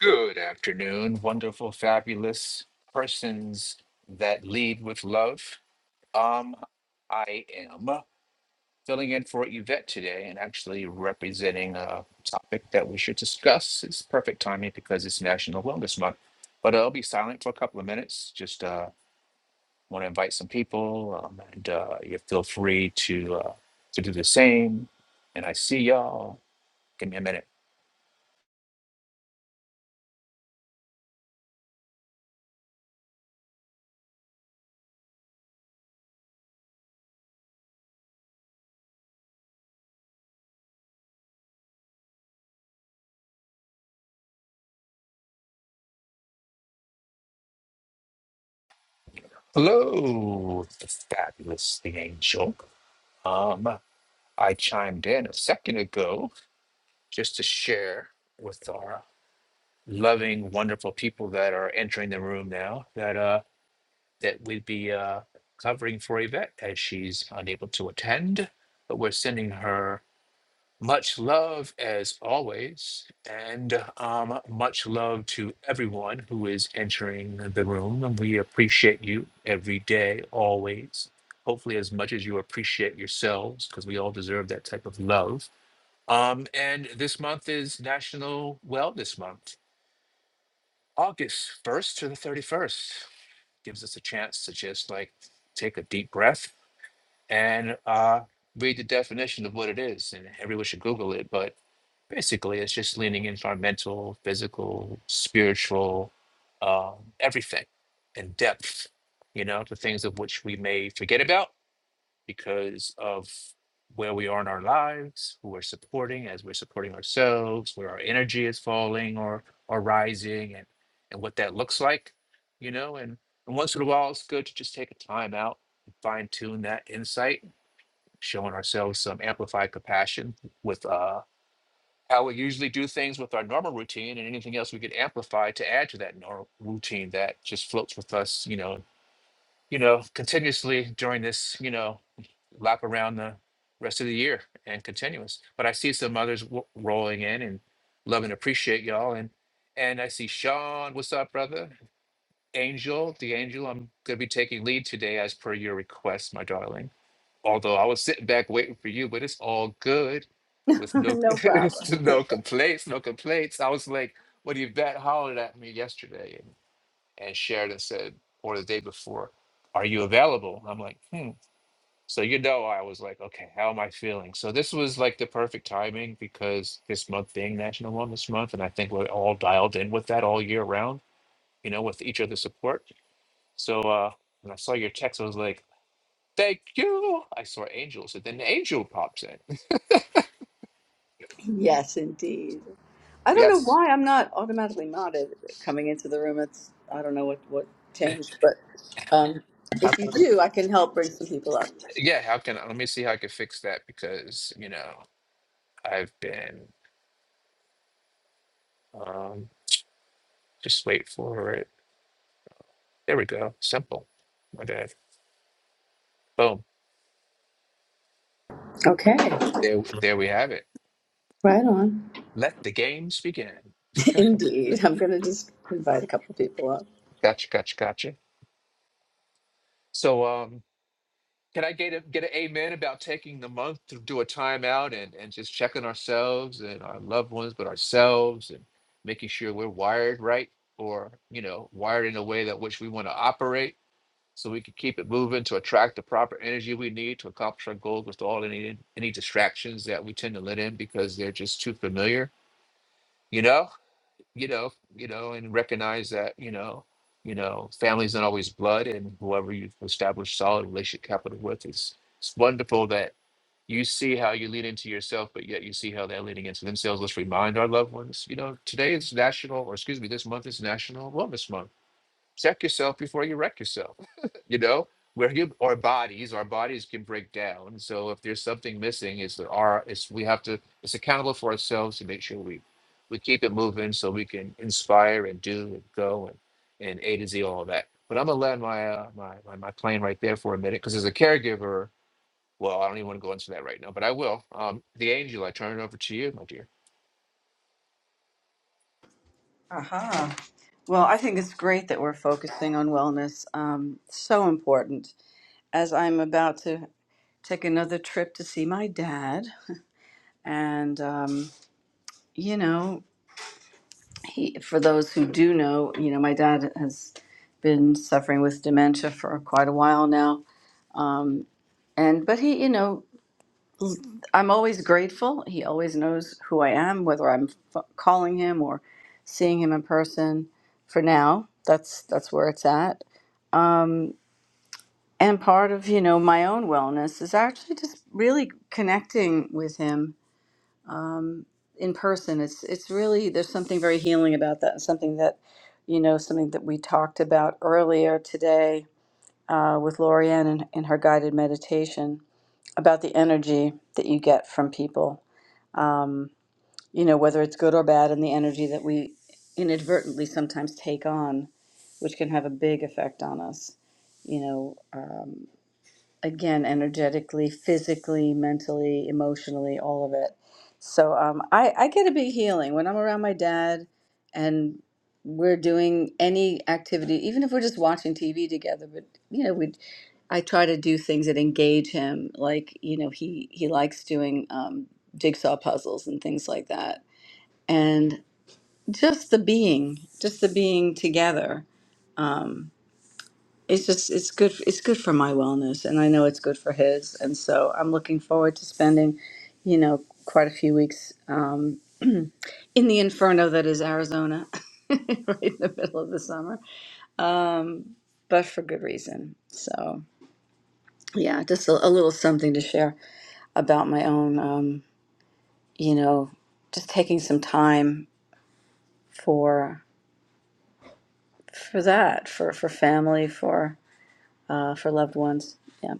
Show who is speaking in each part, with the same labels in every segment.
Speaker 1: Good afternoon, wonderful, fabulous persons that lead with love. Um, I am filling in for Yvette today and actually representing a topic that we should discuss. It's perfect timing because it's National Wellness Month. But I'll be silent for a couple of minutes. Just uh, want to invite some people, um, and uh, you feel free to uh, to do the same. And I see y'all. Give me a minute. Hello, the fabulous, the angel. Um. I chimed in a second ago just to share with our loving, wonderful people that are entering the room now that uh that we'd be uh covering for Yvette as she's unable to attend, but we're sending her much love as always, and um much love to everyone who is entering the room. And we appreciate you every day, always. Hopefully, as much as you appreciate yourselves, because we all deserve that type of love um, and this month is National Wellness Month, August 1st to the 31st. Gives us a chance to just like take a deep breath and uh, read the definition of what it is. And everyone should Google it, but basically it's just leaning into our mental, physical, spiritual, um, everything in depth, you know, the things of which we may forget about because of where we are in our lives, who we're supporting as we're supporting ourselves, where our energy is falling or or rising and and what that looks like, you know, and, and once in a while it's good to just take a time out and fine tune that insight, showing ourselves some amplified compassion with uh how we usually do things with our normal routine and anything else we could amplify to add to that normal routine that just floats with us, you know, you know, continuously during this, you know, lap around the rest of the year and continuous. But I see some others w- rolling in and love and appreciate y'all. And and I see Sean, what's up, brother? Angel, the angel, I'm gonna be taking lead today as per your request, my darling. Although I was sitting back waiting for you, but it's all good, with no
Speaker 2: no problem.
Speaker 1: it's no complaints, no complaints. I was like, what do you bet hollered at me yesterday? and Sheridan said, or the day before, "Are you available?" And I'm like, "Hmm." So you know, I was like, "Okay, how am I feeling?" So this was like the perfect timing because this month being National Wellness Month, and I think we're all dialed in with that all year round, you know, with each other's support. So uh, when I saw your text, I was like, "Thank you." I saw angels, and then the angel pops in.
Speaker 2: Yes, indeed. I don't know
Speaker 1: Yes.
Speaker 2: why I'm not automatically modded coming into the room. It's I don't know what what changed, but um,
Speaker 1: How
Speaker 2: if you
Speaker 1: can I,
Speaker 2: do, I can help bring some people up.
Speaker 1: yeah, how can I, let me see how I can fix that because you know I've been um, just wait for it. There we go. Simple. My bad. Boom.
Speaker 2: Okay,
Speaker 1: There, there we have it.
Speaker 2: right on.
Speaker 1: Let the games begin.
Speaker 2: Indeed, I'm going to just invite a couple people up.
Speaker 1: Gotcha, gotcha, gotcha. So, um, can I get a get an amen about taking the month to do a timeout and and just checking ourselves and our loved ones, but ourselves and making sure we're wired right or you know wired in a way that which we want to operate, so we can keep it moving to attract the proper energy we need to accomplish our goals with all any any distractions that we tend to let in because they're just too familiar. You know, you know, you know, and recognize that, you know, you know, family's not always blood, and whoever you've established solid relationship capital with, it's it's wonderful that you see how you lead into yourself, but yet you see how they're leading into themselves. Let's remind our loved ones, you know, today is national, or excuse me, this month is National Wellness Month check yourself before you wreck yourself. you know, we're human, our bodies, our bodies can break down. So if there's something missing, it's the our it's we have to it's accountable for ourselves to make sure we we keep it moving so we can inspire and do and go and and A to Z all that. But I'm gonna land my uh, my, my my plane right there for a minute because as a caregiver, well, I don't even want to go into that right now, but I will. Um, the angel, I turn it over to you, my dear.
Speaker 2: Aha. Well, I think it's great that we're focusing on wellness. Um, so important. As I'm about to take another trip to see my dad, and um, you know. he for those who do know you know my dad has been suffering with dementia for quite a while now um, and but he you know i'm always grateful he always knows who i am whether i'm f- calling him or seeing him in person for now that's that's where it's at um, and part of you know my own wellness is actually just really connecting with him um, in person it's it's really there's something very healing about that something that you know something that we talked about earlier today uh, with Lorianne and in her guided meditation about the energy that you get from people um, you know whether it's good or bad and the energy that we inadvertently sometimes take on which can have a big effect on us you know Um, again energetically physically mentally emotionally all of it so um, I, I get a big healing when i'm around my dad and we're doing any activity even if we're just watching tv together but you know we i try to do things that engage him like you know he he likes doing um, jigsaw puzzles and things like that and just the being just the being together um, it's just it's good it's good for my wellness and i know it's good for his and so i'm looking forward to spending you know quite a few weeks um, in the inferno that is arizona right in the middle of the summer um, but for good reason so yeah just a, a little something to share about my own um, you know just taking some time for for that for for family for uh, for loved ones yeah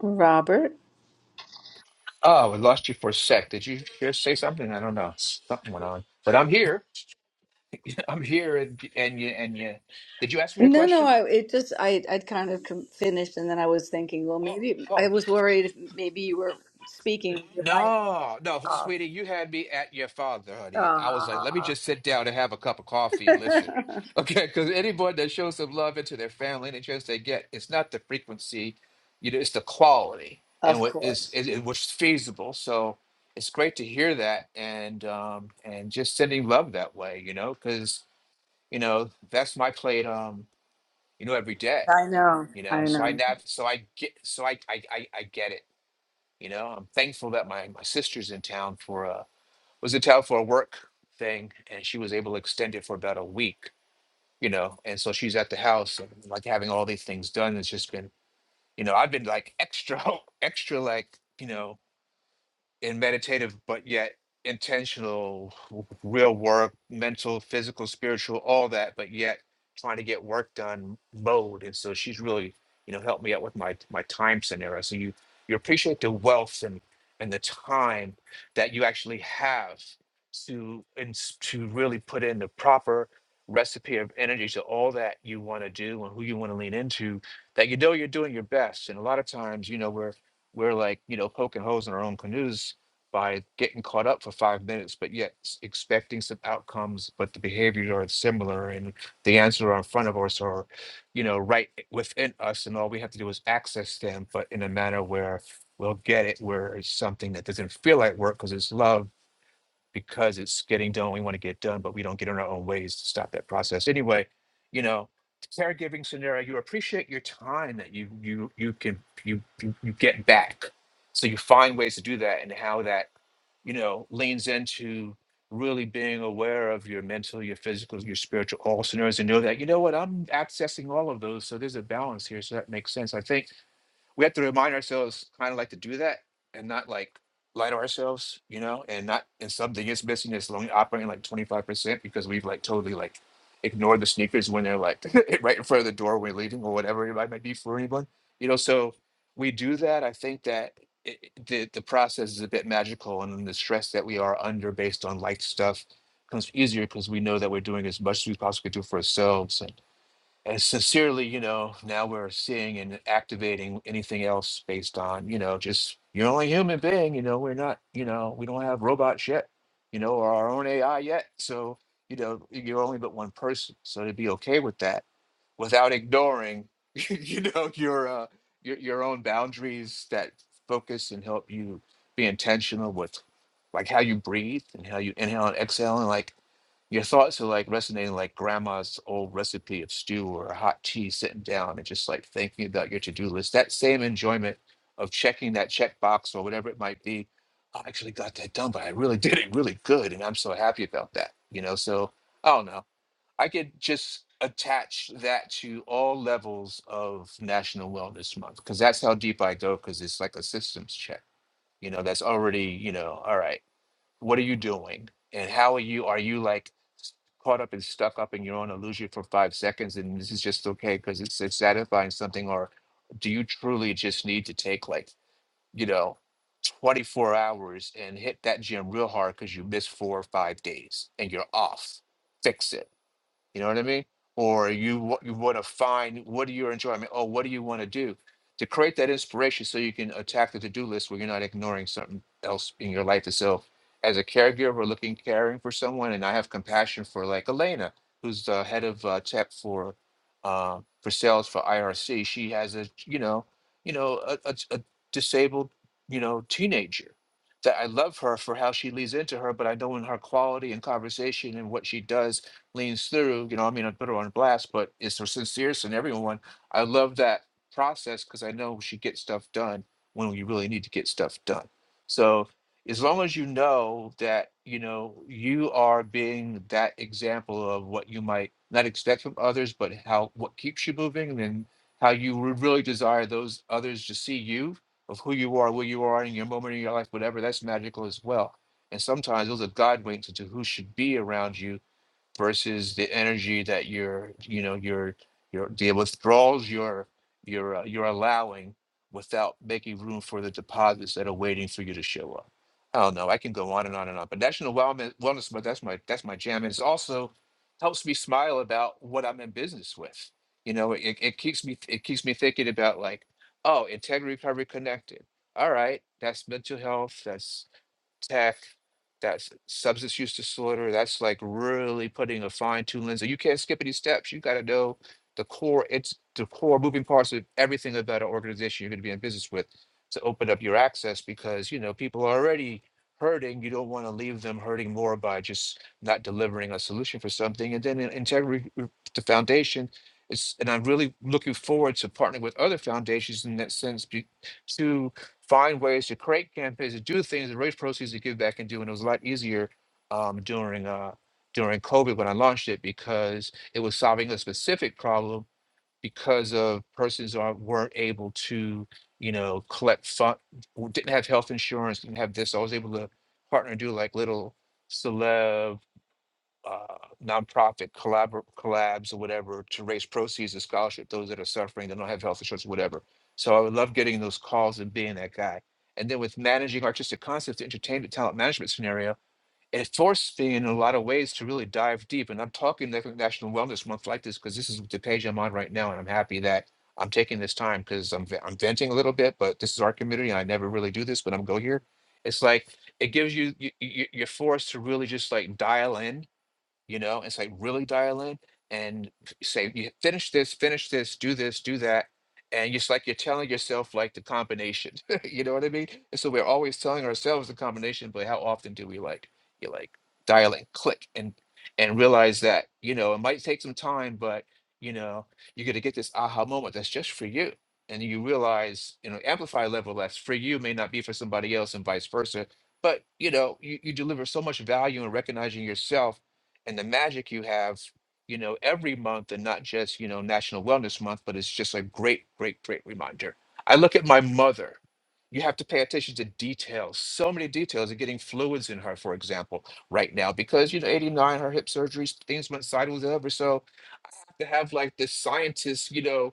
Speaker 2: robert
Speaker 1: Oh, we lost you for a sec. Did you hear say something? I don't know. Something went on, but I'm here. I'm here, and and you and you. Did you ask me a
Speaker 2: No, no,
Speaker 1: question?
Speaker 2: I it just I I'd kind of com- finished and then I was thinking, well, maybe I
Speaker 1: Oh
Speaker 2: was worried if maybe you were speaking with your mic
Speaker 1: no, no,
Speaker 2: off.
Speaker 1: sweetie, you had me at your father, honey. I was like, let me
Speaker 2: Ah.
Speaker 1: just sit down and have a cup of coffee and listen, okay? Because anyone that shows some love into their family, any chance they get, it's not the frequency, you know, it's the quality and
Speaker 2: of
Speaker 1: what is
Speaker 2: course.
Speaker 1: and, and what's feasible. So it's great to hear that, and um, and just sending love that way, you know, because you know that's my plate, um, you know, every day
Speaker 2: I know.
Speaker 1: you
Speaker 2: I
Speaker 1: know so i
Speaker 2: know.
Speaker 1: nav so i get so i i i, I get it you know i'm thankful that my my sister's in town for a was in town for a work thing and she was able to extend it for about a week you know and so she's at the house and like having all these things done it's just been you know i've been like extra extra like you know in meditative but yet intentional w- real work mental physical spiritual all that but yet trying to get work done mode and so she's really you know helped me out with my my time scenario so you you appreciate the wealth and and the time that you actually have to and to really put in the proper recipe of energy to all that you want to do and who you want to lean into that you know you're doing your best and a lot of times you know we're we're like you know poking holes in our own canoes by getting caught up for five minutes, but yet s- expecting some outcomes, but the behaviors are similar and the answers are in front of us or, you know, right within us. And all we have to do is access them, but in a manner where we'll get it, where it's something that doesn't feel like work because it's love, because it's getting done. We want to get done, but we don't get in our own ways to stop that process. Anyway, you know, caregiving scenario, you appreciate your time that you, you, you can, you, you, you get back. So you find ways to do that and how that you know, leans into really being aware of your mental, your physical, your spiritual all scenarios and know that, you know what, I'm accessing all of those. So there's a balance here. So that makes sense. I think we have to remind ourselves kind of like to do that and not like lie to ourselves, you know, and not and something is missing. It's only operating like twenty five percent because we've like totally like ignored the sneakers when they're like right in front of the door when we're leaving or whatever it might might be for anyone, you know. So we do that. I think that. It, it- the the process is a bit magical, and the stress that we are under based on like stuff comes easier because we know that we're doing as much as we possibly do for ourselves and sincerely, you know, now we're seeing and activating anything else based on, you know, just you're only human being, you know, we're not, you know, we don't have robots yet, you know, or our own AI yet. So, you know, you're only but one person. So to be okay with that without ignoring, you know, your, uh, your, your own boundaries that focus and help you be intentional with like how you breathe and how you inhale and exhale and like your thoughts are like resonating like grandma's old recipe of stew or a hot tea, sitting down and just like thinking about your to do list. That same enjoyment of checking that checkbox or whatever it might be. I actually got that done, but I really did it really good. And I'm so happy about that. You know, so I don't know. I could just attach that to all levels of National Wellness Month because that's how deep I go because it's like a systems check. You know, that's already, you know, all right what are you doing and how are you are you like caught up and stuck up in your own illusion for five seconds and this is just okay because it's, it's satisfying something or do you truly just need to take like you know 24 hours and hit that gym real hard because you missed four or five days and you're off fix it you know what I mean? Or you wa- you want to find what do you enjoy? I mean, oh, what do you want to do? To create that inspiration so you can attack the to-do list where you're not ignoring something else in your life itself. As a caregiver, looking caring for someone, and I have compassion for like Elena, who's the head of uh, tech for uh, for sales for IRC. She has a you know you know a, a, a disabled you know teenager that I love her for how she leads into her, but I know in her quality and conversation and what she does leans through, you know, I mean, I put her on blast, but it's her sincerity and everyone. I love that process because I know she gets stuff done when we really need to get stuff done. So as long as you know that, you know, you are being that example of what you might not expect from others, but how what keeps you moving and how you would really desire those others to see you of who you are, where you are in your moment in your life, whatever, that's magical as well. And sometimes those are God winks into who should be around you versus the energy that you're you know you're you're the withdrawals you're you're uh, you're allowing without making room for the deposits that are waiting for you to show up i don't know i can go on and on and on but national wellness wellness but that's my that's my jam and it's also helps me smile about what i'm in business with you know it, it keeps me it keeps me thinking about like oh integrity recovery connected all right that's mental health that's tech, that's substance use disorder. That's like really putting a fine tune lens. You can't skip any steps. You got to know the core. It's the core moving parts of everything about an organization you're going to be in business with to open up your access because you know people are already hurting. You don't want to leave them hurting more by just not delivering a solution for something. And then in- integrity, uh, the foundation. It's, and I'm really looking forward to partnering with other foundations in that sense be- to find ways to create campaigns to do things and raise proceeds to give back and do. And it was a lot easier um, during uh, during COVID when I launched it because it was solving a specific problem because of persons who aren't- weren't able to, you know, collect fund, didn't have health insurance, didn't have this. So I was able to partner and do like little celeb uh, nonprofit collabor- collabs or whatever to raise proceeds to scholarship those that are suffering that don't have health insurance, whatever. So I would love getting those calls and being that guy. And then with managing artistic concepts, the entertainment talent management scenario, it forced me in a lot of ways to really dive deep. And I'm talking like National Wellness Month like this because this is the page I'm on right now, and I'm happy that I'm taking this time because I'm ve- I'm venting a little bit, but this is our community. And I never really do this, but I'm go here. It's like it gives you, you you- you're forced to really just like dial in you know it's like really dial in and f- say you finish this finish this do this do that and just like you're telling yourself like the combination you know what i mean and so we're always telling ourselves the combination but how often do we like you like dial in click and and realize that you know it might take some time but you know you're going to get this aha moment that's just for you and you realize you know amplify level that's for you may not be for somebody else and vice versa but you know you, you deliver so much value in recognizing yourself and the magic you have, you know, every month and not just, you know, National Wellness Month, but it's just a great, great, great reminder. I look at my mother. You have to pay attention to details. So many details of getting fluids in her, for example, right now, because you know, 89, her hip surgeries, things went sideways ever so to have like this scientist, you know,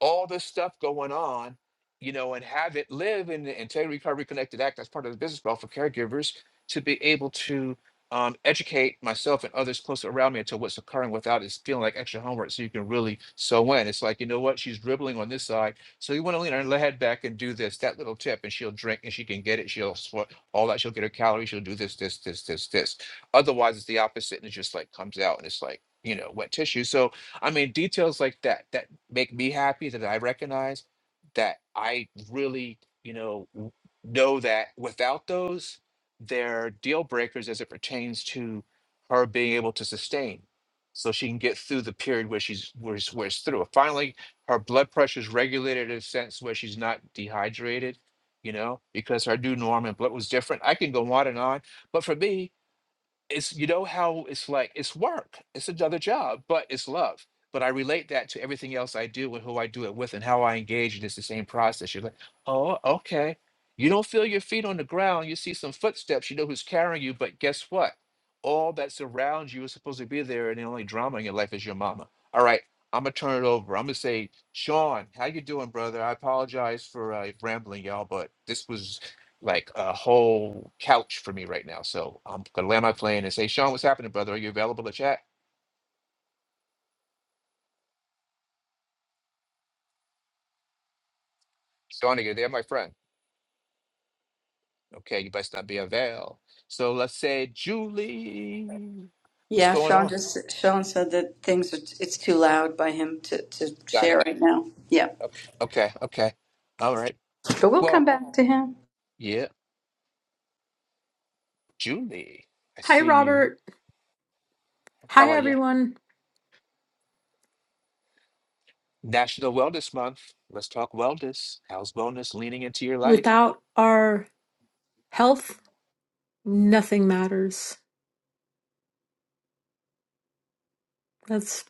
Speaker 1: all this stuff going on, you know, and have it live in the Integrity Recovery Connected Act as part of the business model for caregivers to be able to um, educate myself and others close around me into what's occurring without it feeling like extra homework. So you can really sew in. It's like, you know what? She's dribbling on this side. So you want to lean her head back and do this, that little tip, and she'll drink and she can get it. She'll sweat all that. She'll get her calories. She'll do this, this, this, this, this. Otherwise, it's the opposite. And it just like comes out and it's like, you know, wet tissue. So I mean, details like that that make me happy that I recognize that I really, you know, w- know that without those, they're deal breakers as it pertains to her being able to sustain. So she can get through the period where she's where, it's- where it's through. Finally, her blood pressure is regulated in a sense where she's not dehydrated, you know, because her new norm and blood was different. I can go on and on, but for me, it's you know how it's like it's work it's another job but it's love but i relate that to everything else i do and who i do it with and how i engage and it's the same process you're like oh okay you don't feel your feet on the ground you see some footsteps you know who's carrying you but guess what all that's around you is supposed to be there and the only drama in your life is your mama all right i'm gonna turn it over i'm gonna say sean how you doing brother i apologize for uh, rambling y'all but this was like a whole couch for me right now. So I'm gonna land my plane and say, Sean, what's happening, brother? Are you available to chat? Sean, are you there, my friend? Okay, you best not be avail. So let's say Julie. What's
Speaker 2: Yeah,
Speaker 1: going
Speaker 2: Sean
Speaker 1: on?
Speaker 2: just Sean said that things are it's too loud by him to to
Speaker 1: Got
Speaker 2: share
Speaker 1: it.
Speaker 2: right now. Yeah.
Speaker 1: Okay, okay, okay. All right.
Speaker 2: But we'll come
Speaker 1: Well,
Speaker 2: back to him.
Speaker 1: yeah, Julie. I
Speaker 3: Hi,
Speaker 1: see you.
Speaker 3: Robert. Hi,
Speaker 1: How are you?
Speaker 3: everyone.
Speaker 1: National Wellness Month. Let's talk wellness. How's wellness leaning into your life?
Speaker 3: Without our health, nothing matters. That's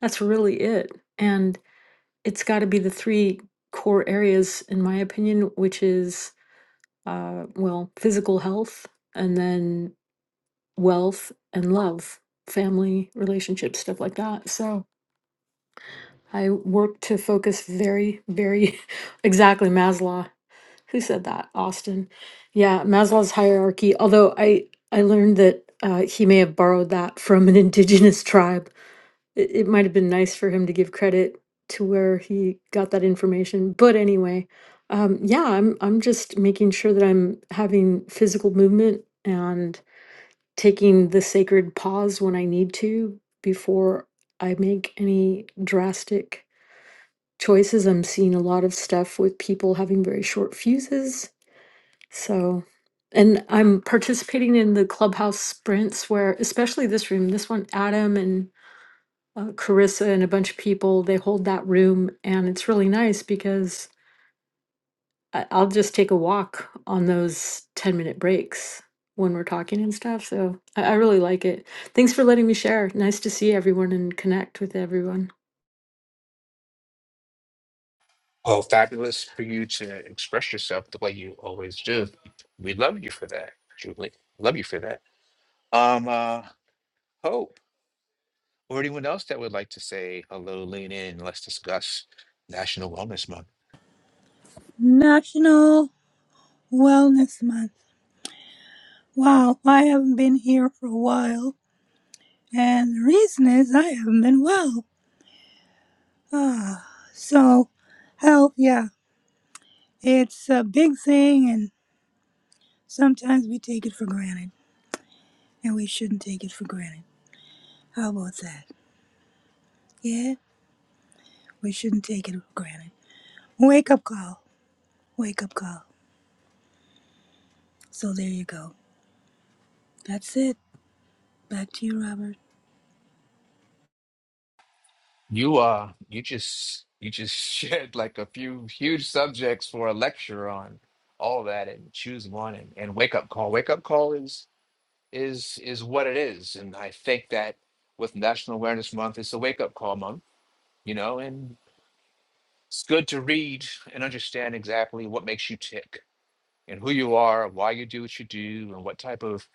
Speaker 3: that's really it. And it's got to be the three core areas, in my opinion, which is uh, well, physical health, and then wealth and love, family, relationships, stuff like that. So I work to focus very, very exactly Maslow Who said that? Austin. Yeah, Maslow's hierarchy. Although I I learned that uh, he may have borrowed that from an indigenous tribe. It, it might have been nice for him to give credit to where he got that information. But anyway, um, yeah, I'm I'm just making sure that I'm having physical movement and taking the sacred pause when I need to before I make any drastic choices. I'm seeing a lot of stuff with people having very short fuses so, and I'm participating in the clubhouse sprints where, especially this room, this one, Adam and uh, Carissa and a bunch of people, they hold that room. And it's really nice because I- I'll just take a walk on those 10 minute breaks when we're talking and stuff. So I, I really like it. Thanks for letting me share. Nice to see everyone and connect with everyone.
Speaker 1: Oh, fabulous for you to express yourself the way you always do. We love you for that, Julie. Love you for that. Um, uh, Hope, or anyone else that would like to say hello, lean in, let's discuss National Wellness Month.
Speaker 4: National Wellness Month. Wow, I haven't been here for a while, and the reason is I haven't been well. Ah, so health, yeah, it's a big thing, and sometimes we take it for granted, and we shouldn't take it for granted. How about that? Yeah, we shouldn't take it for granted. Wake up call, wake up call. So there you go. That's it. Back to you, Robert.
Speaker 1: You uh you just you just shared like a few huge subjects for a lecture on all that and choose one and, and wake up call. Wake up call is is is what it is. And I think that with National Awareness Month, it's a wake up call month you know, and It's good to read and understand exactly what makes you tick and who you are, why you do what you do, and what type of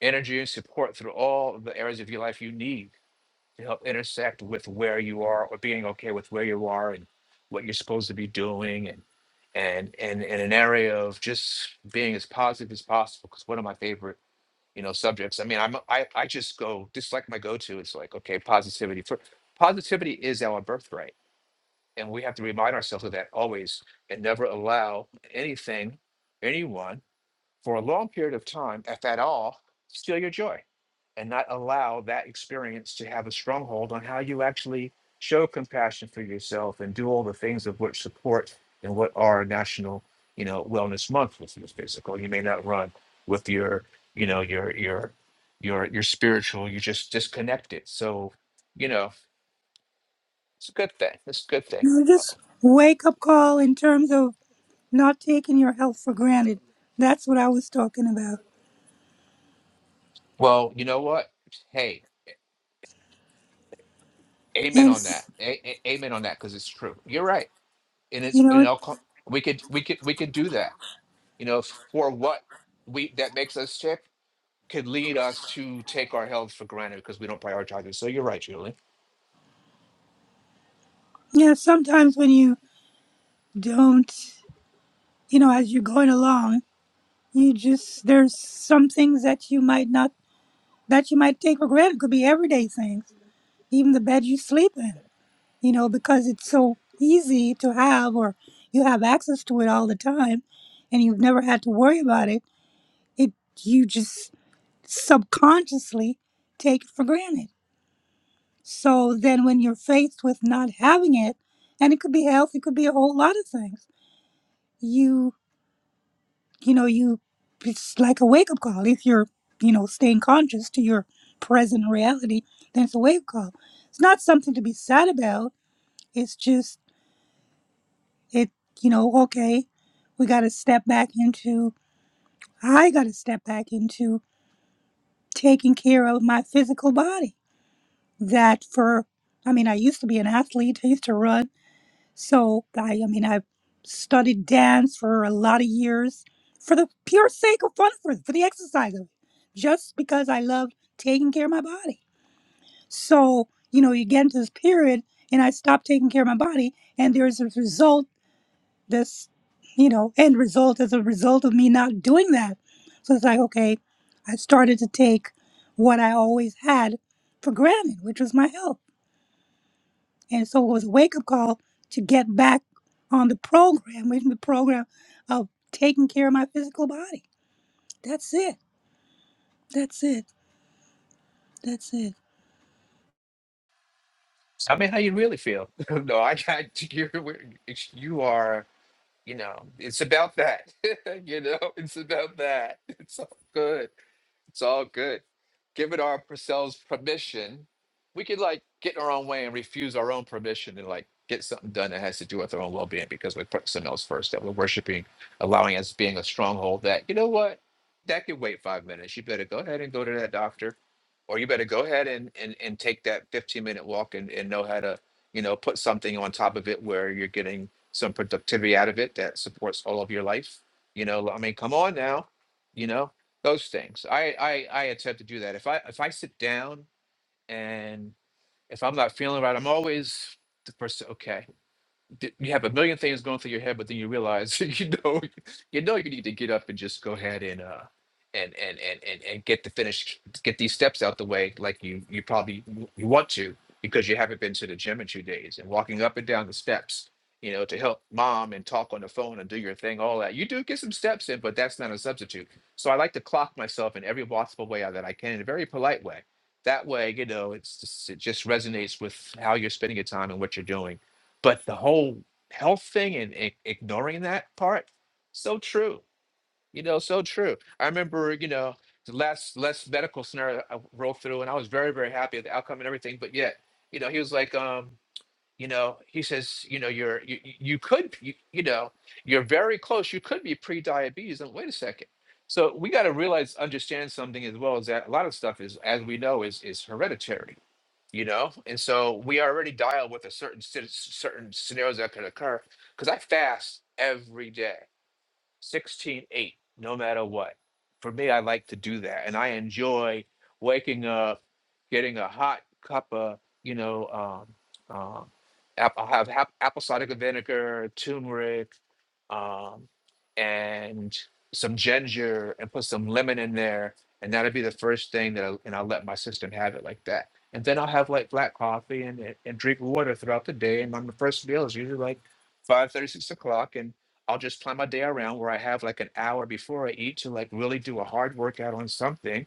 Speaker 1: energy and support through all of the areas of your life you need to help intersect with where you are or being okay with where you are and what you're supposed to be doing and and and in an area of just being as positive as possible because one of my favorite you know subjects i mean i'm I, I just go just like my go-to it's like okay positivity for positivity is our birthright and we have to remind ourselves of that always and never allow anything, anyone for a long period of time, if at all, steal your joy and not allow that experience to have a stronghold on how you actually show compassion for yourself and do all the things of which support and what are national, you know, wellness month with your physical. You may not run with your, you know, your your your your spiritual, you're just disconnected. So, you know, it's a good thing. It's a good thing.
Speaker 4: No, just wake up call in terms of not taking your health for granted. That's what I was talking about.
Speaker 1: Well, you know what? Hey, amen
Speaker 4: And,
Speaker 1: on that.
Speaker 4: s-
Speaker 1: A- a- amen on that because it's true. You're right, and it's
Speaker 4: you
Speaker 1: and
Speaker 4: know,
Speaker 1: I'll co- we could we could we could do that. You know, f- for what we that makes us sick could lead us to take our health for granted because we don't prioritize it. So you're right, Julie.
Speaker 4: yeah, sometimes when you don't, you know, as you're going along, you just, there's some things that you might not, that you might take for granted. Could be everyday things, even the bed you sleep in, you know, because it's so easy to have or you have access to it all the time and you've never had to worry about it. It, you just subconsciously take it for granted So then, when you're faced with not having it, and it could be health, it could be a whole lot of things, you, you know, you, it's like a wake up call. If you're, you know, staying conscious to your present reality, then it's a wake up call. It's not something to be sad about. It's just, it, you know, okay, we got to step back into, I got to step back into taking care of my physical body. That for, I mean, I used to be an athlete, I used to run. So I, I mean, I studied dance for a lot of years for the pure sake of fun, for for the exercise of it, just because I loved taking care of my body. So you know, you get into this period, and I stopped taking care of my body, and there's a result. This, you know, end result as a result of me not doing that. So it's like, okay, I started to take what I always had for granted, which was my health. And so it was a wake up call to get back on the program, which is the program of taking care of my physical body. That's it. That's it. That's it.
Speaker 1: I mean, how you really feel? no, I got you. You are. You know, it's about that. you know, it's about that. It's all good. It's all good. Giving ourselves permission, we could like get in our own way and refuse our own permission and like get something done that has to do with our own well being because we put something else first that we're worshiping, allowing us being a stronghold that, you know what, that could wait five minutes. You better go ahead and go to that doctor, or you better go ahead and, and, and take that 15 minute walk and, and know how to, you know, put something on top of it where you're getting some productivity out of it that supports all of your life. You know, I mean, come on now, you know those things. I, I I attempt to do that. If I if I sit down and if I'm not feeling right, I'm always the person. Okay, d- you have a million things going through your head, but then you realize you know you know you need to get up and just go ahead and uh and and and and, and get the finish get these steps out the way like you you probably w- you want to because you haven't been to the gym in two days and walking up and down the steps you know to help mom and talk on the phone and do your thing all that you do get some steps in but that's not a substitute so i like to clock myself in every possible way that i can in a very polite way that way you know it's just, it just resonates with how you're spending your time and what you're doing but the whole health thing and, i- ignoring that part, so true. You know, so true. I remember, you know, the last last medical scenario I rolled through, and I was very very happy with the outcome and everything. But yet, you know, he was like, um, you know, he says, you know, you're you you you could you, you know you're very close. You could be pre-diabetes. And wait a second. So we got to realize, understand something as well as that a lot of stuff is, as we know, is is hereditary you know and so we already dial with a certain sit- certain scenarios that could occur because i fast every day 16 8, no matter what for me i like to do that and i enjoy waking up getting a hot cup of you know um, um, app- i'll have hap- apple cider vinegar turmeric um, and some ginger and put some lemon in there and that'll be the first thing that I, and i'll let my system have it like that and then i'll have like black coffee and, and and drink water throughout the day and on the first meal is usually like five thirty, six o'clock I'll just plan my day around where I have like an hour before I eat to like really do a hard workout on something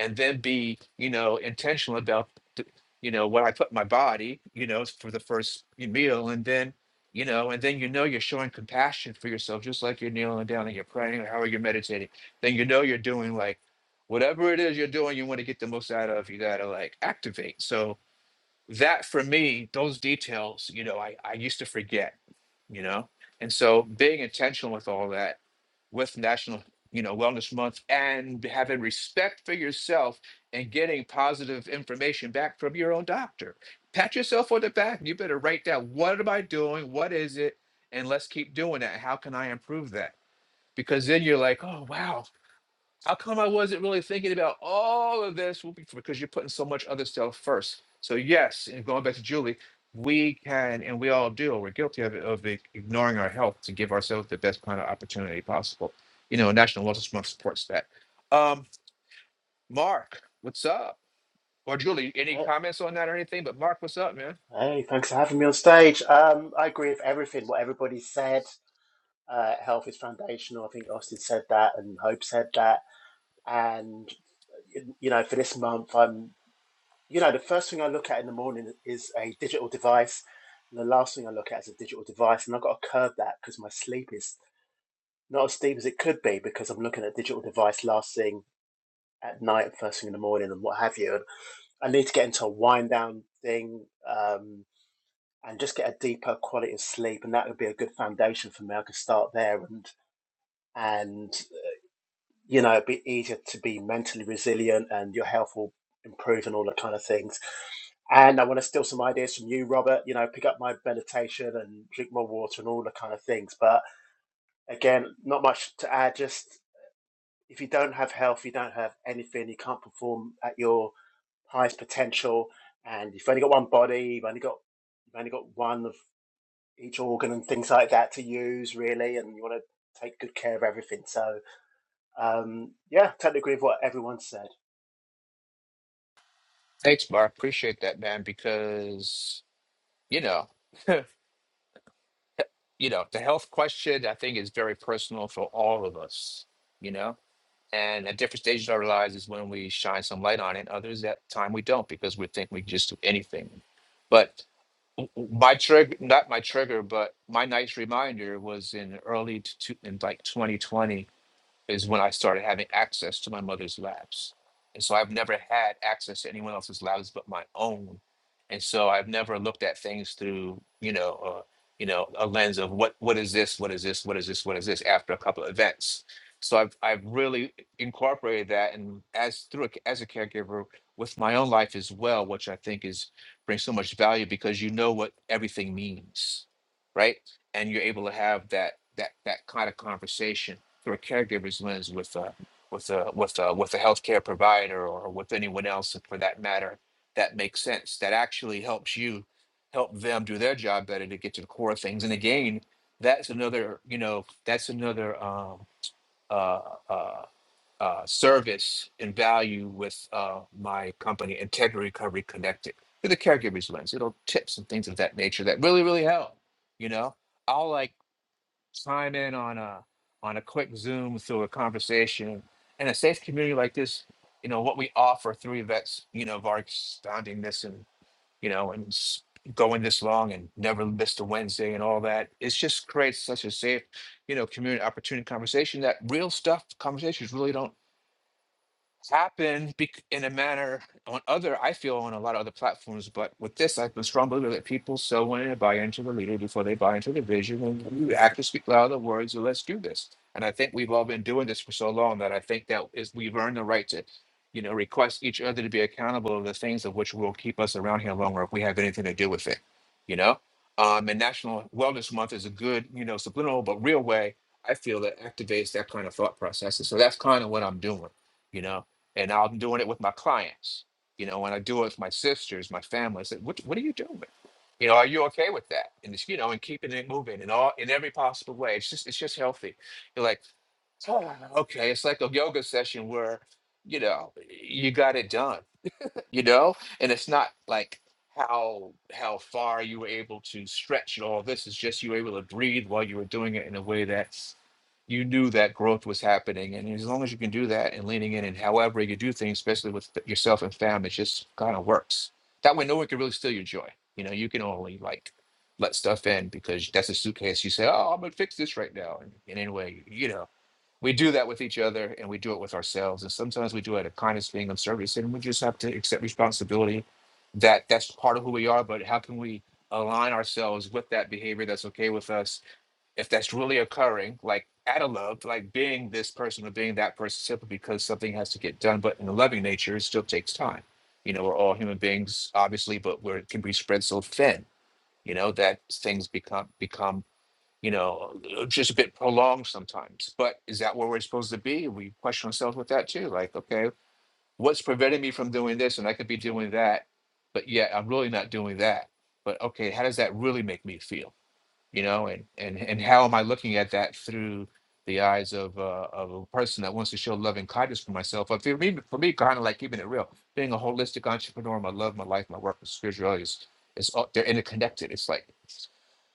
Speaker 1: and then be, you know, intentional about, th- you know, what I put in my body, you know, for the first meal. And then, you know, and then you know you're showing compassion for yourself, just like you're kneeling down and you're praying or how you're meditating. Then you know you're doing like whatever it is you're doing, you want to get the most out of, you got to like activate. So, that for me, those details, you know, I, I used to forget, you know? And so being intentional with all that, with National, you know, Wellness Month and having respect for yourself and getting positive information back from your own doctor. Pat yourself on the back. You better write down what am I doing? What is it? And let's keep doing that. How can I improve that? Because then you're like, oh wow, how come I wasn't really thinking about all of this? Well, be- because you're putting so much other stuff first. So yes, and going back to Julie, we can and we all do. We're guilty of, of i- ignoring our health to give ourselves the best kind of opportunity possible. You know, National Wellness Month supports that. Um, Mark, what's up? Or Julie, any
Speaker 5: Hey,
Speaker 1: comments on that or anything? But Mark, what's up, man?
Speaker 5: hey, thanks for having me on stage. Um, I agree with everything what everybody said. Uh, health is foundational. I think Austin said that, and Hope said that. And you you know, for this month, I'm you know the first thing I look at in the morning is a digital device. And the last thing I look at is a digital device, and I've got to curb that because my sleep is not as deep as it could be because I'm looking at digital device last thing at night, first thing in the morning, and what have you. And I need to get into a wind down thing. Um, and just get a deeper quality of sleep and that would be a good foundation for me i could start there and and you know it'd be easier to be mentally resilient and your health will improve and all that kind of things and i want to steal some ideas from you robert you know pick up my meditation and drink more water and all the kind of things but again not much to add just if you don't have health you don't have anything you can't perform at your highest potential and you've only got one body you've only got you've only got one of. each organ and things like that to use really, and you want to take good care of everything. So um, yeah, totally agree with what everyone said.
Speaker 1: Thanks, Mark. Appreciate that, man. Because you know, you know, the health question I think is very personal for all of us. You know. And at different stages of our lives is when we shine some light on it. Others at time we don't because we think we can just do anything. But w- w- my trigger, not my trigger, but my nice reminder was in early to, in like 2020 is when I started having access to my mother's labs. And so I've never had access to anyone else's labs but my own. And so I've never looked at things through, you know, uh, you know, a lens of what what is this, what is this, what is this, what is this after a couple of events. So I've I've really incorporated that and as through a, as a caregiver with my own life as well, which I think is brings so much value because you know what everything means, right? And you're able to have that that that kind of conversation through a caregiver's lens with a with a with a with a healthcare provider or with anyone else for that matter that makes sense that actually helps you help them do their job better to get to the core of things and again that's another you know that's another um uh uh uh, service and value with uh, my company, Integrity Recovery Connected, through the caregiver's lens, little tips and things of that nature that really, really help. You know, I like chime in on a on a quick Zoom through a conversation in a safe community like this. You know what we offer through vets. You know of our founding this and you know and s- going this long and never missed a Wednesday and all that. It's just creates such a safe, you know, community opportunity conversation that real stuff conversations really don't happen bec- in a manner on other i feel on a lot of other platforms but with this i've been strong believer that people so want to buy into the leader before they buy into the vision and you have to speak louder words or let's do this and i think we've all been doing this for so long that i think that is we've earned the right to you know request each other to be accountable of the things of which will keep us around here longer if we have anything to do with it you know um and national wellness month is a good you know subliminal but real way i feel that activates that kind of thought process and so that's kind of what i'm doing you know and now I'm doing it with my clients, you know, and I do it with my sisters, my family. I said, what, what are you doing? You know, are you okay with that? And it's, you know, and keeping it moving in all in every possible way. It's just it's just healthy. You're like, "Ah, okay, it's like a yoga session where, you know, you got it done you know and it's not like how how far you were able to stretch and all this it's just you were able to breathe while you were doing it in a way that you knew that growth was happening. And as long as you can do that and leaning in and however you do things, especially with th- yourself and family, it just kind of works. That way, no one can really steal your joy. You know, you can only like let stuff in because that's a suitcase. You say, oh, I'm going to fix this right now. And, and anyway, you know we do that with each other and we do it with ourselves and sometimes we do it a kindness being of service and we just have to accept responsibility that that's part of who we are but how can we align ourselves with that behavior that's okay with us if that's really occurring like out of love like being this person or being that person simply because something has to get done but in a loving nature it still takes time you know we're all human beings obviously but we're can be spread so thin you know that things become become you know, uh, just a bit prolonged sometimes. But is that where we're supposed to be? We question ourselves with that too. Like, okay, what's preventing me from doing this? And I could be doing that, but yet I'm really not doing that. But okay, how does that really make me feel? You know, and and and how am I looking at that through the eyes of uh, of a person that wants to show love and kindness for myself? But for me, for me, kind of like keeping it real, being a holistic entrepreneur, my love, my life, my work, my spirituality is, is all, they're interconnected. It's like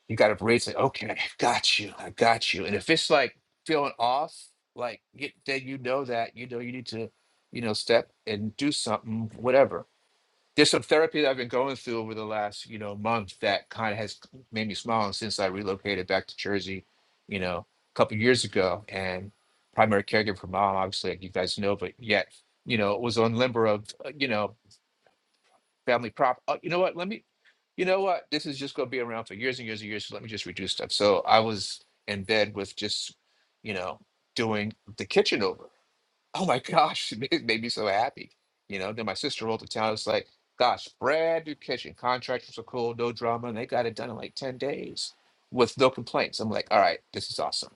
Speaker 1: you got to brace it. Okay, I got you. I got you. And if it's like feeling off, like y- then you know that you know you need to, you know, step and do something, whatever. There's some therapy that I've been going through over the last, you know, month that kind of has made me smile. And since I relocated back to Jersey, you know, a couple years ago, and primary caregiver for mom, obviously, like you guys know, but yet, you know, was on limber of, uh, you know, family prop. Oh, you know what? Let me. You know what? This is just going to be around for years and years and years. So let me just reduce stuff. So I was in bed with just, you know, doing the kitchen over. Oh my gosh, it made, it made me so happy. You know, then my sister rolled to town. It's like, gosh, brand new kitchen. Contractors are cool, no drama, and they got it done in like ten days with no complaints. I'm like, all right, this is awesome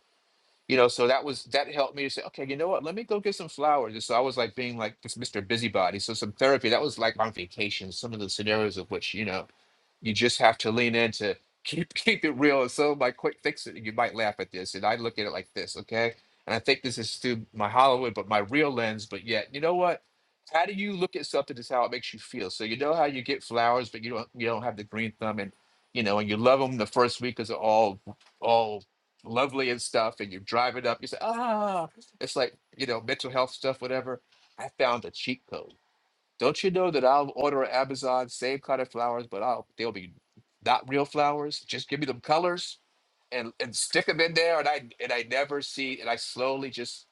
Speaker 1: you know so that was that helped me to say okay you know what let me go get some flowers and so i was like being like this mr busybody so some therapy that was like on vacation some of the scenarios of which you know you just have to lean into keep keep it real. And so my quick fix it, you might laugh at this. And I look at it like this, okay? And I think this is through my Hollywood, but my real lens. But yet, you know what? How do you look at something is how it makes you feel. So you know how you get flowers, but you don't you don't have the green thumb and you know, and you love them the first week because they're all all lovely and stuff, and you drive it up, you say, ah, it's like, you know, mental health stuff, whatever. I found a cheat code don't you know that I'll order at Amazon same kind of flowers, but I'll they'll be not real flowers. Just give me them colors and and stick them in there, and I and I never see, and I slowly just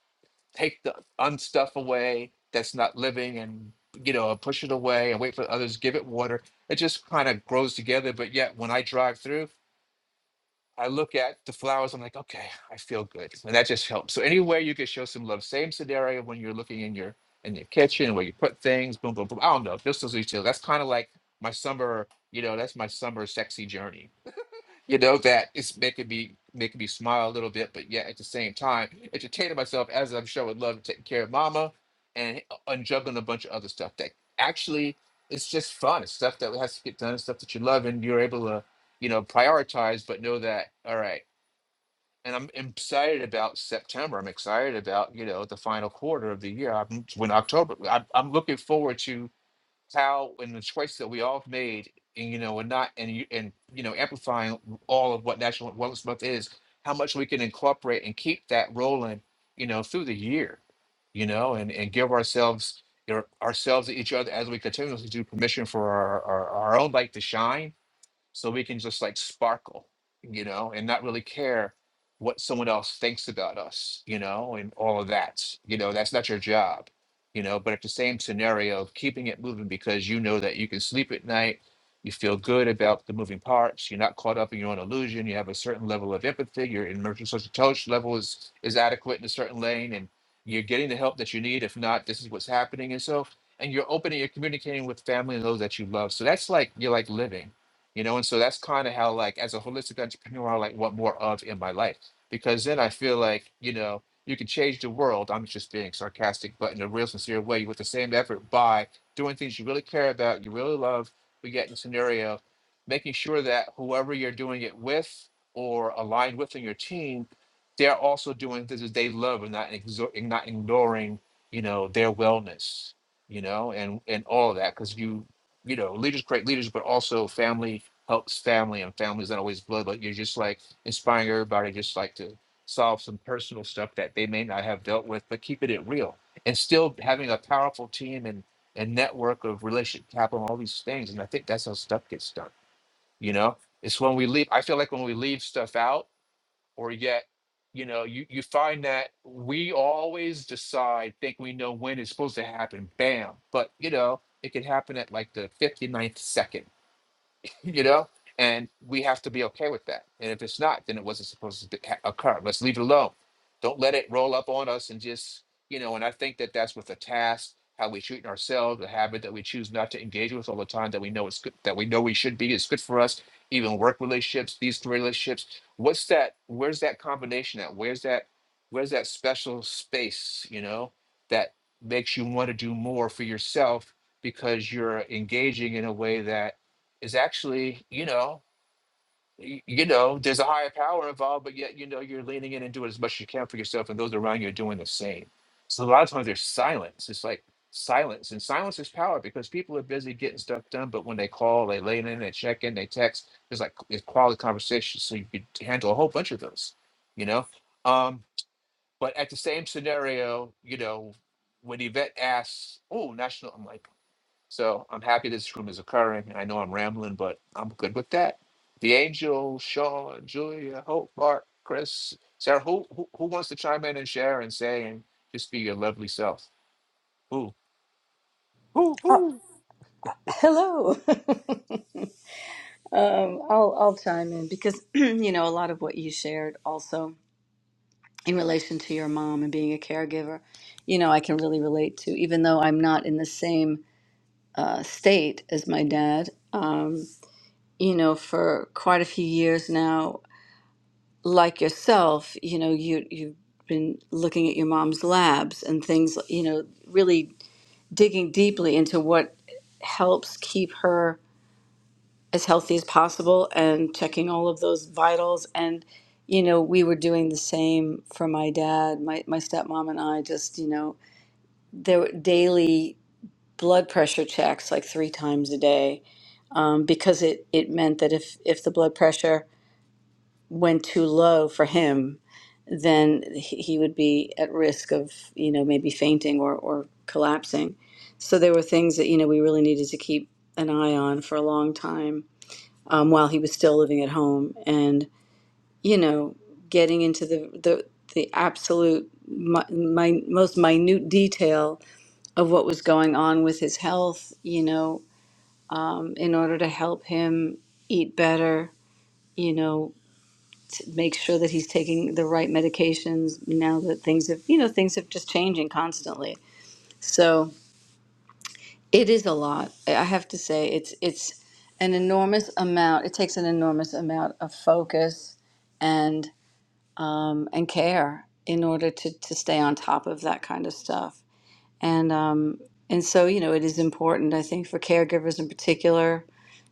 Speaker 1: take the unstuff away that's not living, and you know push it away and wait for others to give it water. It just kind of grows together. But yet, when I drive through. I look at the flowers, I'm like, okay, I feel good. And that just helps. So anywhere you can show some love, same scenario when you're looking in your in your kitchen where you put things, boom, boom, boom. I don't know. Just those details. That's kind of like my summer, you know, that's my summer sexy journey you know that it's making me making me smile a little bit but yet at the same time entertaining myself as i'm showing love and taking care of mama and and juggling a bunch of other stuff that actually it's just fun it's stuff that has to get done stuff that you love and you're able to you know prioritize but know that all right and i'm excited about september i'm excited about you know the final quarter of the year i'm when october I, i'm looking forward to how and the choice that we all have made and you know and not and you and you know amplifying all of what national wellness month is how much we can incorporate and keep that rolling you know through the year you know and and give ourselves you know, ourselves and each other as we continuously do permission for our, our our own light to shine so we can just like sparkle you know and not really care what someone else thinks about us you know and all of that you know that's not your job you know but at the same scenario of keeping it moving because you know that you can sleep at night you feel good about the moving parts you're not caught up in your own illusion you have a certain level of empathy your emergency social intelligence level is is adequate in a certain lane and you're getting the help that you need if not this is what's happening and so and you're open and you're communicating with family and those that you love so that's like you're like living you know and so that's kind of how like as a holistic entrepreneur i like want more of in my life because then i feel like you know you can change the world i'm just being sarcastic but in a real sincere way with the same effort by doing things you really care about you really love we get in the scenario making sure that whoever you're doing it with or aligned with in your team they're also doing things that they love and not exo- and not ignoring you know their wellness you know and and all of that because you you know leaders create leaders but also family helps family and family's not always blood, but you're just like inspiring everybody just like to solve some personal stuff that they may not have dealt with, but keeping it real and still having a powerful team and and network of relationship capital, all these things. And I think that's how stuff gets done. You know, it's when we leave. I feel like when we leave stuff out or yet, you know, you, you find that we always decide, think we know when it's supposed to happen, bam. But, you know, it could happen at like the 59th second you know and we have to be okay with that and if it's not then it wasn't supposed to ha- occur let's leave it alone don't let it roll up on us and just you know and i think that that's with the task how we treat ourselves the habit that we choose not to engage with all the time that we know it's good that we know we should be it's good for us even work relationships these three relationships what's that where's that combination at where's that where's that special space you know that makes you want to do more for yourself because you're engaging in a way that is actually, you know, y- you know, there's a higher power involved, but yet, you know, you're leaning in and doing as much as you can for yourself, and those around you are doing the same. So a lot of times there's silence. It's like silence, and silence is power because people are busy getting stuff done, but when they call, they lean in, they check in, they text. There's like it's quality conversation, so you could handle a whole bunch of those, you know. Um, but at the same scenario, you know, when Yvette asks, "Oh, national," I'm like. So I'm happy this room is occurring. I know I'm rambling, but I'm good with that. The Angel, Sean, Julia, Hope, Mark, Chris, Sarah, who, who who wants to chime in and share and say and just be your lovely self? Who? Who?
Speaker 2: Oh,
Speaker 1: Who?
Speaker 2: hello. um I'll I'll chime in because you know a lot of what you shared also. in relation to your mom and being a caregiver, you know, I can really relate to, even though I'm not in the same uh, state as my dad, um, you know, for quite a few years now, like yourself, you know, you, you've been looking at your mom's labs and things, you know, really digging deeply into what helps keep her as healthy as possible and checking all of those vitals. And, you know, we were doing the same for my dad. My, my stepmom and I just, you know, there were daily blood pressure checks like three times a day um, because it, it meant that if, if the blood pressure went too low for him, then he he would be at risk of, you know, maybe fainting or, or collapsing. So there were things that, you know, we really needed to keep an eye on for a long time um, while he was still living at home. And, you know, getting into the, the, the absolute mi- mi- most minute detail of what was going on with his health, you know, um, in order to help him eat better, you know, to make sure that he's taking the right medications now that things have, you know, things have just changing constantly. So it is a lot. I have to say, it's it's an enormous amount. It takes an enormous amount of focus and um, and care in order to to stay on top of that kind of stuff And um, and so, you know, it is important, I think, for caregivers in particular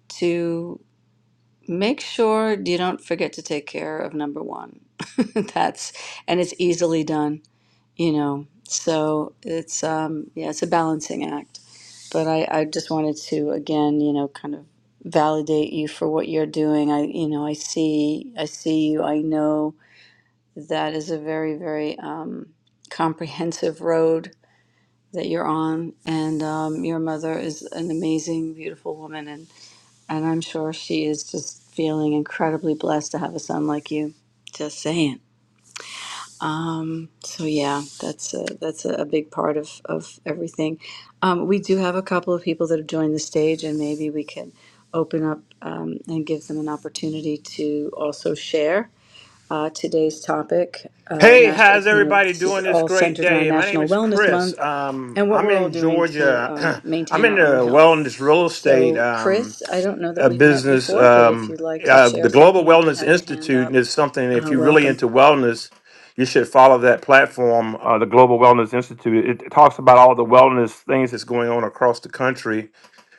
Speaker 2: to make sure you don't forget to take care of number one. That's and it's easily done, you know. So it's um, yeah, it's a balancing act. But I, I just wanted to again, you know, kind of validate you for what you're doing. I you know, I see I see you. I know that is a very, very um, comprehensive road that you're on. And um, your mother is an amazing, beautiful woman, and and I'm sure she is just feeling incredibly blessed to have a son like you. Just saying. So yeah, that's a, that's a, a big part of of everything. Um, we do have a couple of people that have joined the stage, and maybe we can open up um, and give them an opportunity to also share uh, today's topic. Uh,
Speaker 6: Hey,
Speaker 2: nas-
Speaker 6: how's
Speaker 2: you know,
Speaker 6: everybody
Speaker 2: this is
Speaker 6: doing this
Speaker 2: all
Speaker 6: great
Speaker 2: centered around
Speaker 6: day? My name
Speaker 2: National
Speaker 6: is
Speaker 2: Wellness Month
Speaker 6: Chris. Um,
Speaker 2: and what
Speaker 6: I'm
Speaker 2: we're all
Speaker 6: in
Speaker 2: doing to um,
Speaker 6: Georgia. I'm
Speaker 2: maintain
Speaker 6: in the
Speaker 2: our own health.
Speaker 6: wellness real estate
Speaker 2: So,
Speaker 6: um,
Speaker 2: Chris, I don't know that
Speaker 6: uh,
Speaker 2: we've met
Speaker 6: business.
Speaker 2: before, but if
Speaker 6: Um,
Speaker 2: you'd like to
Speaker 6: uh, the
Speaker 2: share
Speaker 6: Global
Speaker 2: something, you did
Speaker 6: Wellness
Speaker 2: have your hand
Speaker 6: Institute
Speaker 2: up.
Speaker 6: is something, if
Speaker 2: Uh,
Speaker 6: you're really
Speaker 2: welcome.
Speaker 6: into wellness, you should follow that platform, uh, the Global Wellness Institute. It, it talks about all the wellness things that's going on across the country,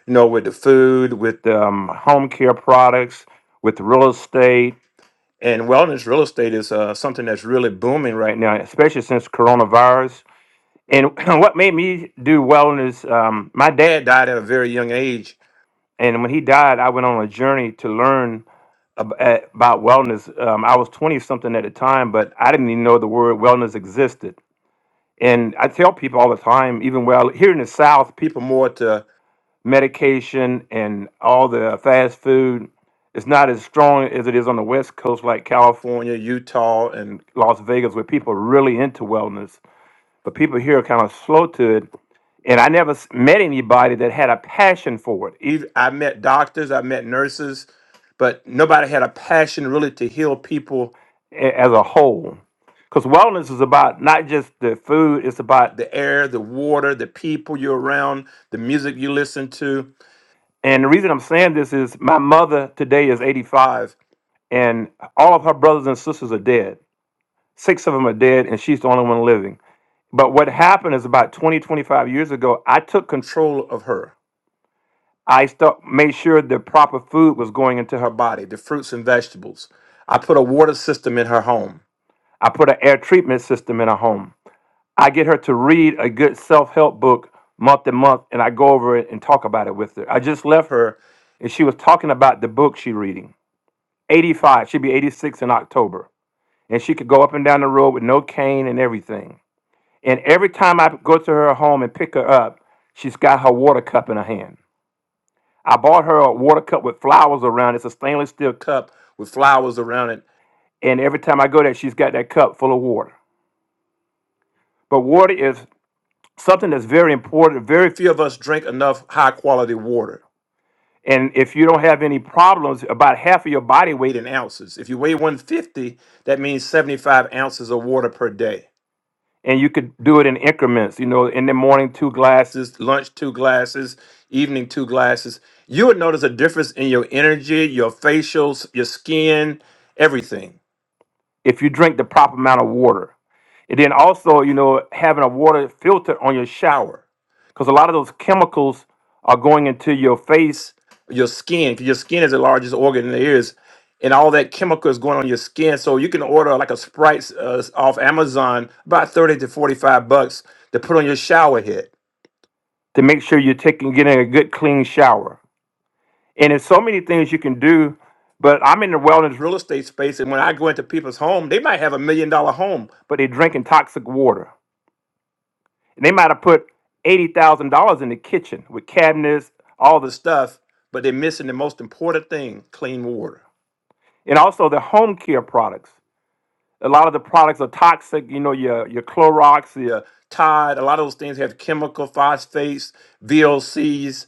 Speaker 6: you know, with the food, with um, home care products, with real estate and wellness real estate is uh, something that's really booming right now, especially since coronavirus. And what made me do wellness, um, my dad died at a very young age. And when he died, I went on a journey to learn ab- at- about wellness. Um, I was 20 something at the time, but I didn't even know the word wellness existed. And I tell people all the time, even well, here in the South, people more to medication and all the fast food is not as strong as it is on the West Coast, like California, Utah, and Las Vegas, where people are really into wellness. But people here are kind of slow to it. And I never s- met anybody that had a passion for it. Eith- I met doctors, I met nurses, but nobody had a passion really to heal people a- as a whole. Because wellness is about not just the food, it's about the air, the water, the people you're around, the music you listen to. And the reason I'm saying this is my mother today is 85, and all of her brothers and sisters are dead. Six of them are dead, and she's the only one living. But what happened is about 20, 25 years ago, I took control of her. I stu- made sure the proper food was going into her body, the fruits and vegetables. I put a water system in her home. I put an air treatment system in her home. I get her to read a good self help book month and month, and I go over it and talk about it with her. I just left her, and she was talking about the book she's reading. 85, she'd be 86 in October, and she could go up and down the road with no cane and everything. And every time I go to her home and pick her up, she's got her water cup in her hand. I bought her a water cup with flowers around it. It's a stainless steel cup with flowers around it. And every time I go there, she's got that cup full of water. But water is something that's very important. Very few of us drink enough high quality water. And if you don't have any problems, about half of your body weight in ounces. If you weigh 150, that means 75 ounces of water per day. And you could do it in increments, you know, in the morning, two glasses, lunch, two glasses, evening, two glasses. You would notice a difference in your energy, your facials, your skin, everything. If you drink the proper amount of water. And then also, you know, having a water filter on your shower because a lot of those chemicals are going into your face, your skin, because your skin is the largest organ there is. And all that chemical is going on your skin. So you can order like a Sprite uh, off Amazon about 30 to 45 bucks to put on your shower head to make sure you're taking getting a good clean shower. And there's so many things you can do, but I'm in the wellness real estate space, and when I go into people's home, they might have a million dollar home, but they're drinking toxic water. And they might have put eighty thousand dollars in the kitchen with cabinets, all the stuff, but they're missing the most important thing: clean water. And also the home care products. A lot of the products are toxic. You know, your your Clorox, your Tide. A lot of those things have chemical phosphates, VOCs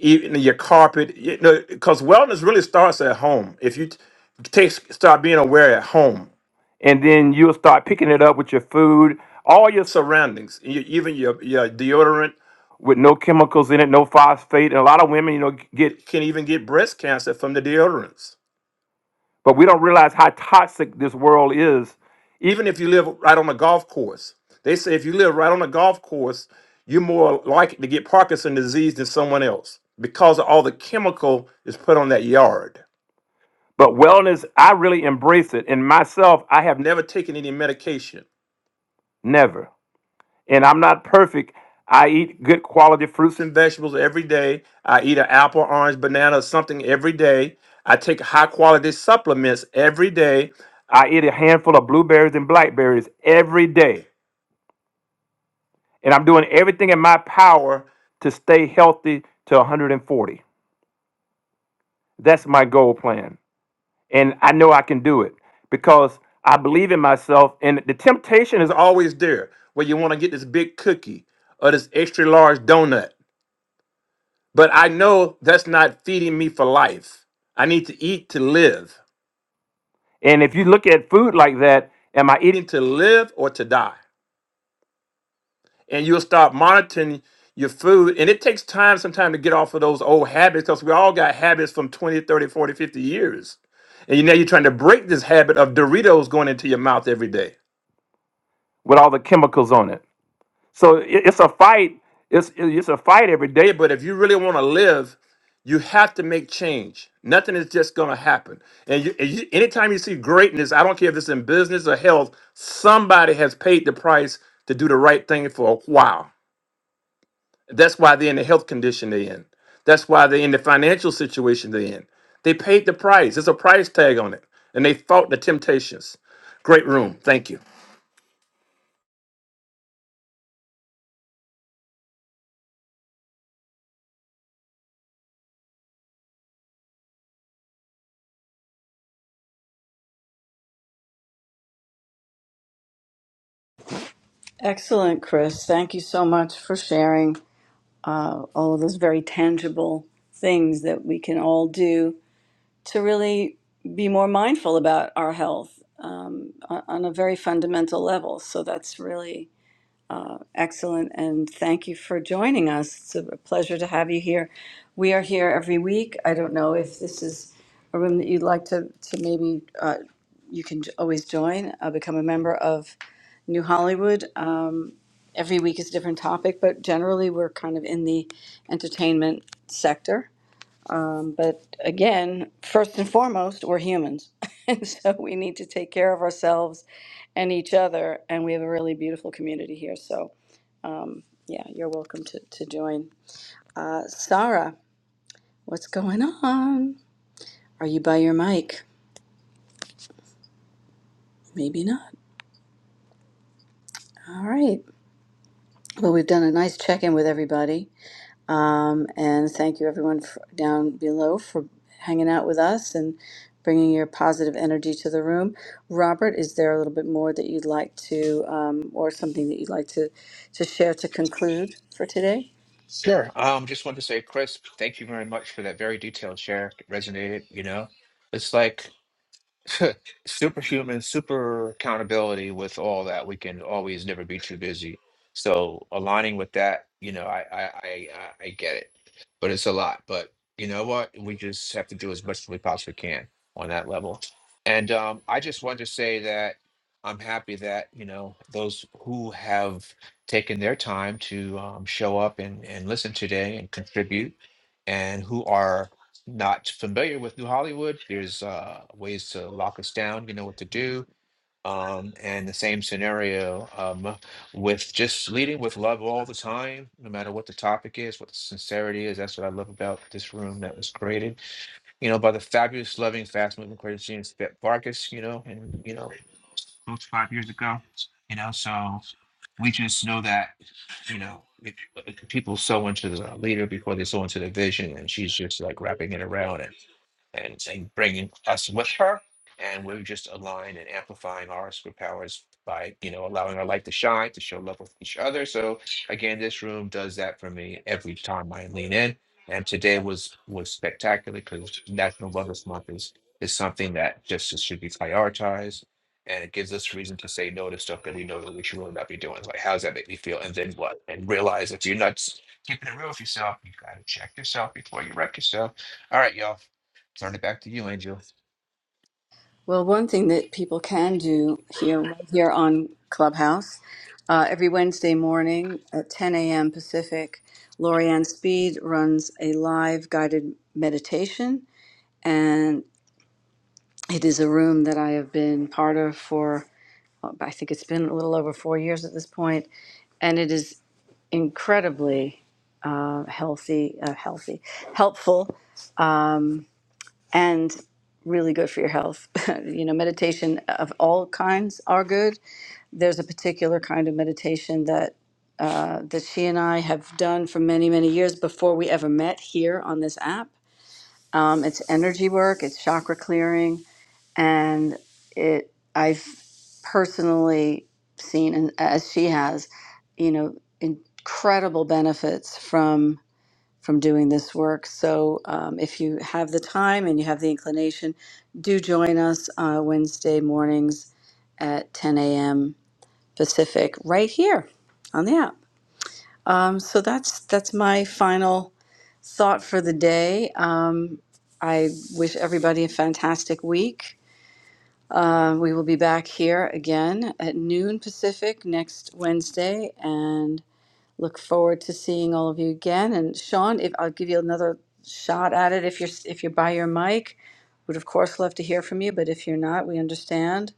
Speaker 6: even your carpet, you know, because wellness really starts at home. If you t- take start being aware at home, and then you'll start picking it up with your food, all your surroundings, e- even your your deodorant with no chemicals in it, no phosphate, and a lot of women, you know, get can even get breast cancer from the deodorants. But we don't realize how toxic this world is. Even if you live right on a golf course, they say if you live right on a golf course, you're more likely to get Parkinson's disease than someone else because of all the chemical is put on that yard. But wellness, I really embrace it. And myself, I have never taken any medication. Never and I'm not perfect. I eat good quality fruits and vegetables every day. I eat an apple, orange, banana, something every day. I take high quality supplements every day. I eat a handful of blueberries and blackberries every day. And I'm doing everything in my power to stay healthy to 140. That's my goal plan. And I know I can do it because I believe in myself. And the temptation is always there where you want to get this big cookie or this extra large donut But I know that's not feeding me for life. I need to eat to live. And if you look at food like that, am I eating? to live or to die. And you'll start monitoring your food. And it takes time sometimes to get off of those old habits because we all got habits from 20, 30, 40, 50 years. And you now you're trying to break this habit of Doritos going into your mouth every day. with all the chemicals on it. So it, it's a fight. It's it's a fight every day. But if you really want to live, you have to make change. Nothing is just going to happen. And you, and you, anytime you see greatness, I don't care if it's in business or health, somebody has paid the price to do the right thing for a while. That's why they're in the health condition they're in. That's why they're in the financial situation they're in. They paid the price. There's a price tag on it, and they fought the temptations. Great room. Thank you.
Speaker 2: Excellent, Chris. Thank you so much for sharing uh, all of those very tangible things that we can all do to really be more mindful about our health um, on on a very fundamental level. So, that's really Excellent, and thank you for joining us. It's a pleasure to have you here. We are here every week. I don't know if this is a room that you'd like to, to maybe, uh, you can j- always join, uh, become a member of New Hollywood. Um, every week is a different topic, but generally we're kind of in the entertainment sector. Um, but again, first and foremost, we're humans. and so we need to take care of ourselves and each other, and we have a really beautiful community here. So um, yeah, you're welcome to, to join. Uh, Sarah, what's going on? Are you by your mic? Maybe not. All right. Well, we've done a nice check in with everybody. Um, and thank you, everyone f down below, for hanging out with us and bringing your positive energy to the room. Robert, is there a little bit more that you'd like to, um, or something that you'd like to, to share to conclude for today?
Speaker 1: Sure. Um, just wanted to say, Chris, thank you very much for that very detailed share. It resonated, you know. It's like superhuman, super accountability with all that. We can always never be too busy. So aligning with that, you know, I I I, I I get it, but it's a lot. But you know what? We just have to do as much as we possibly can on that level. And um, I just wanted to say that I'm happy that you know those who have taken their time to um, show up and and listen today and contribute, and who are not familiar with New Hollywood, there's uh, ways to lock us down. You know what to do. Um, and the same scenario um, with just leading with love all the time, no matter what the topic is, what the sincerity is. That's what I love about this room that was created, you know, by the fabulous, loving, fast-moving, crazy genius Bette Vargas, you know, and you know, those five years ago, you know. So we just know that, you know, it, it- people sow into the leader before they sow into the vision, and she's just like wrapping it around it and, and bringing us with her. And we're just aligned and amplifying our superpowers by, you know, allowing our light to shine, to show love with each other. So again, this room does that for me every time I lean in. And today was was spectacular because National Wellness Month is is something that just should be prioritized. And it gives us reason to say no to stuff that we know that we should really not be doing. Like, how does that make me feel? And then what? And realize if you're not s- keeping it real with yourself, you got to check yourself before you wreck yourself. All right, y'all. Turn it back to you, Angel.
Speaker 2: Well, one thing that people can do here, right here on Clubhouse, uh, every Wednesday morning at 10 a.m. Pacific, Lorianne Speed runs a live guided meditation. And it is a room that I have been part of for, uh, I think it's been a little over four years at this point, And it is incredibly uh, healthy, uh, healthy, helpful, and really good for your health. you know, meditation of all kinds are good there's a particular kind of meditation that uh, that she and I have done for many many years before we ever met here on this app. Um, it's energy work, it's chakra clearing, and it I've personally seen, and as she has, you know, incredible benefits from from doing this work. So um, if you have the time and you have the inclination, do join us uh, Wednesday mornings at 10 a.m Pacific right here on the app. Um, so that's that's my final thought for the day. Um, I wish everybody a fantastic week. Uh, we will be back here again at noon Pacific next Wednesday, and look forward to seeing all of you again. And Sean, if I'll give you another shot at it, if you're if you're by your mic, would of course love to hear from you. But if you're not, we understand,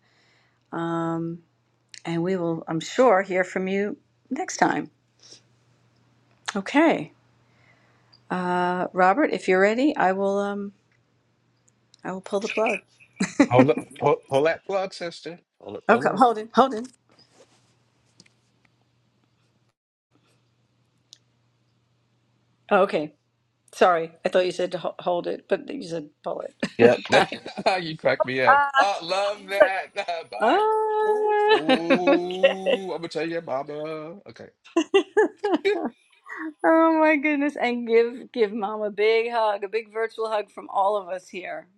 Speaker 2: and we will, I'm sure, hear from you next time. Okay. Uh, Robert, if you're ready, I will um I will pull the plug.
Speaker 1: Hold up, pull, pull that plug, sister. Pull it,
Speaker 2: Okay,
Speaker 1: pull it.
Speaker 2: hold it, hold it. Oh, okay, sorry, I thought you said to ho- hold it, but you said pull it. okay.
Speaker 1: Yep. you crack me up.
Speaker 2: Ah,
Speaker 1: I love
Speaker 2: I was like,
Speaker 1: that. Bye. Ooh,
Speaker 2: ah, okay.
Speaker 1: ooh. I'm gonna tell your mama. Okay.
Speaker 2: Oh my goodness! And give give mom a big hug, a big virtual hug from all of us here.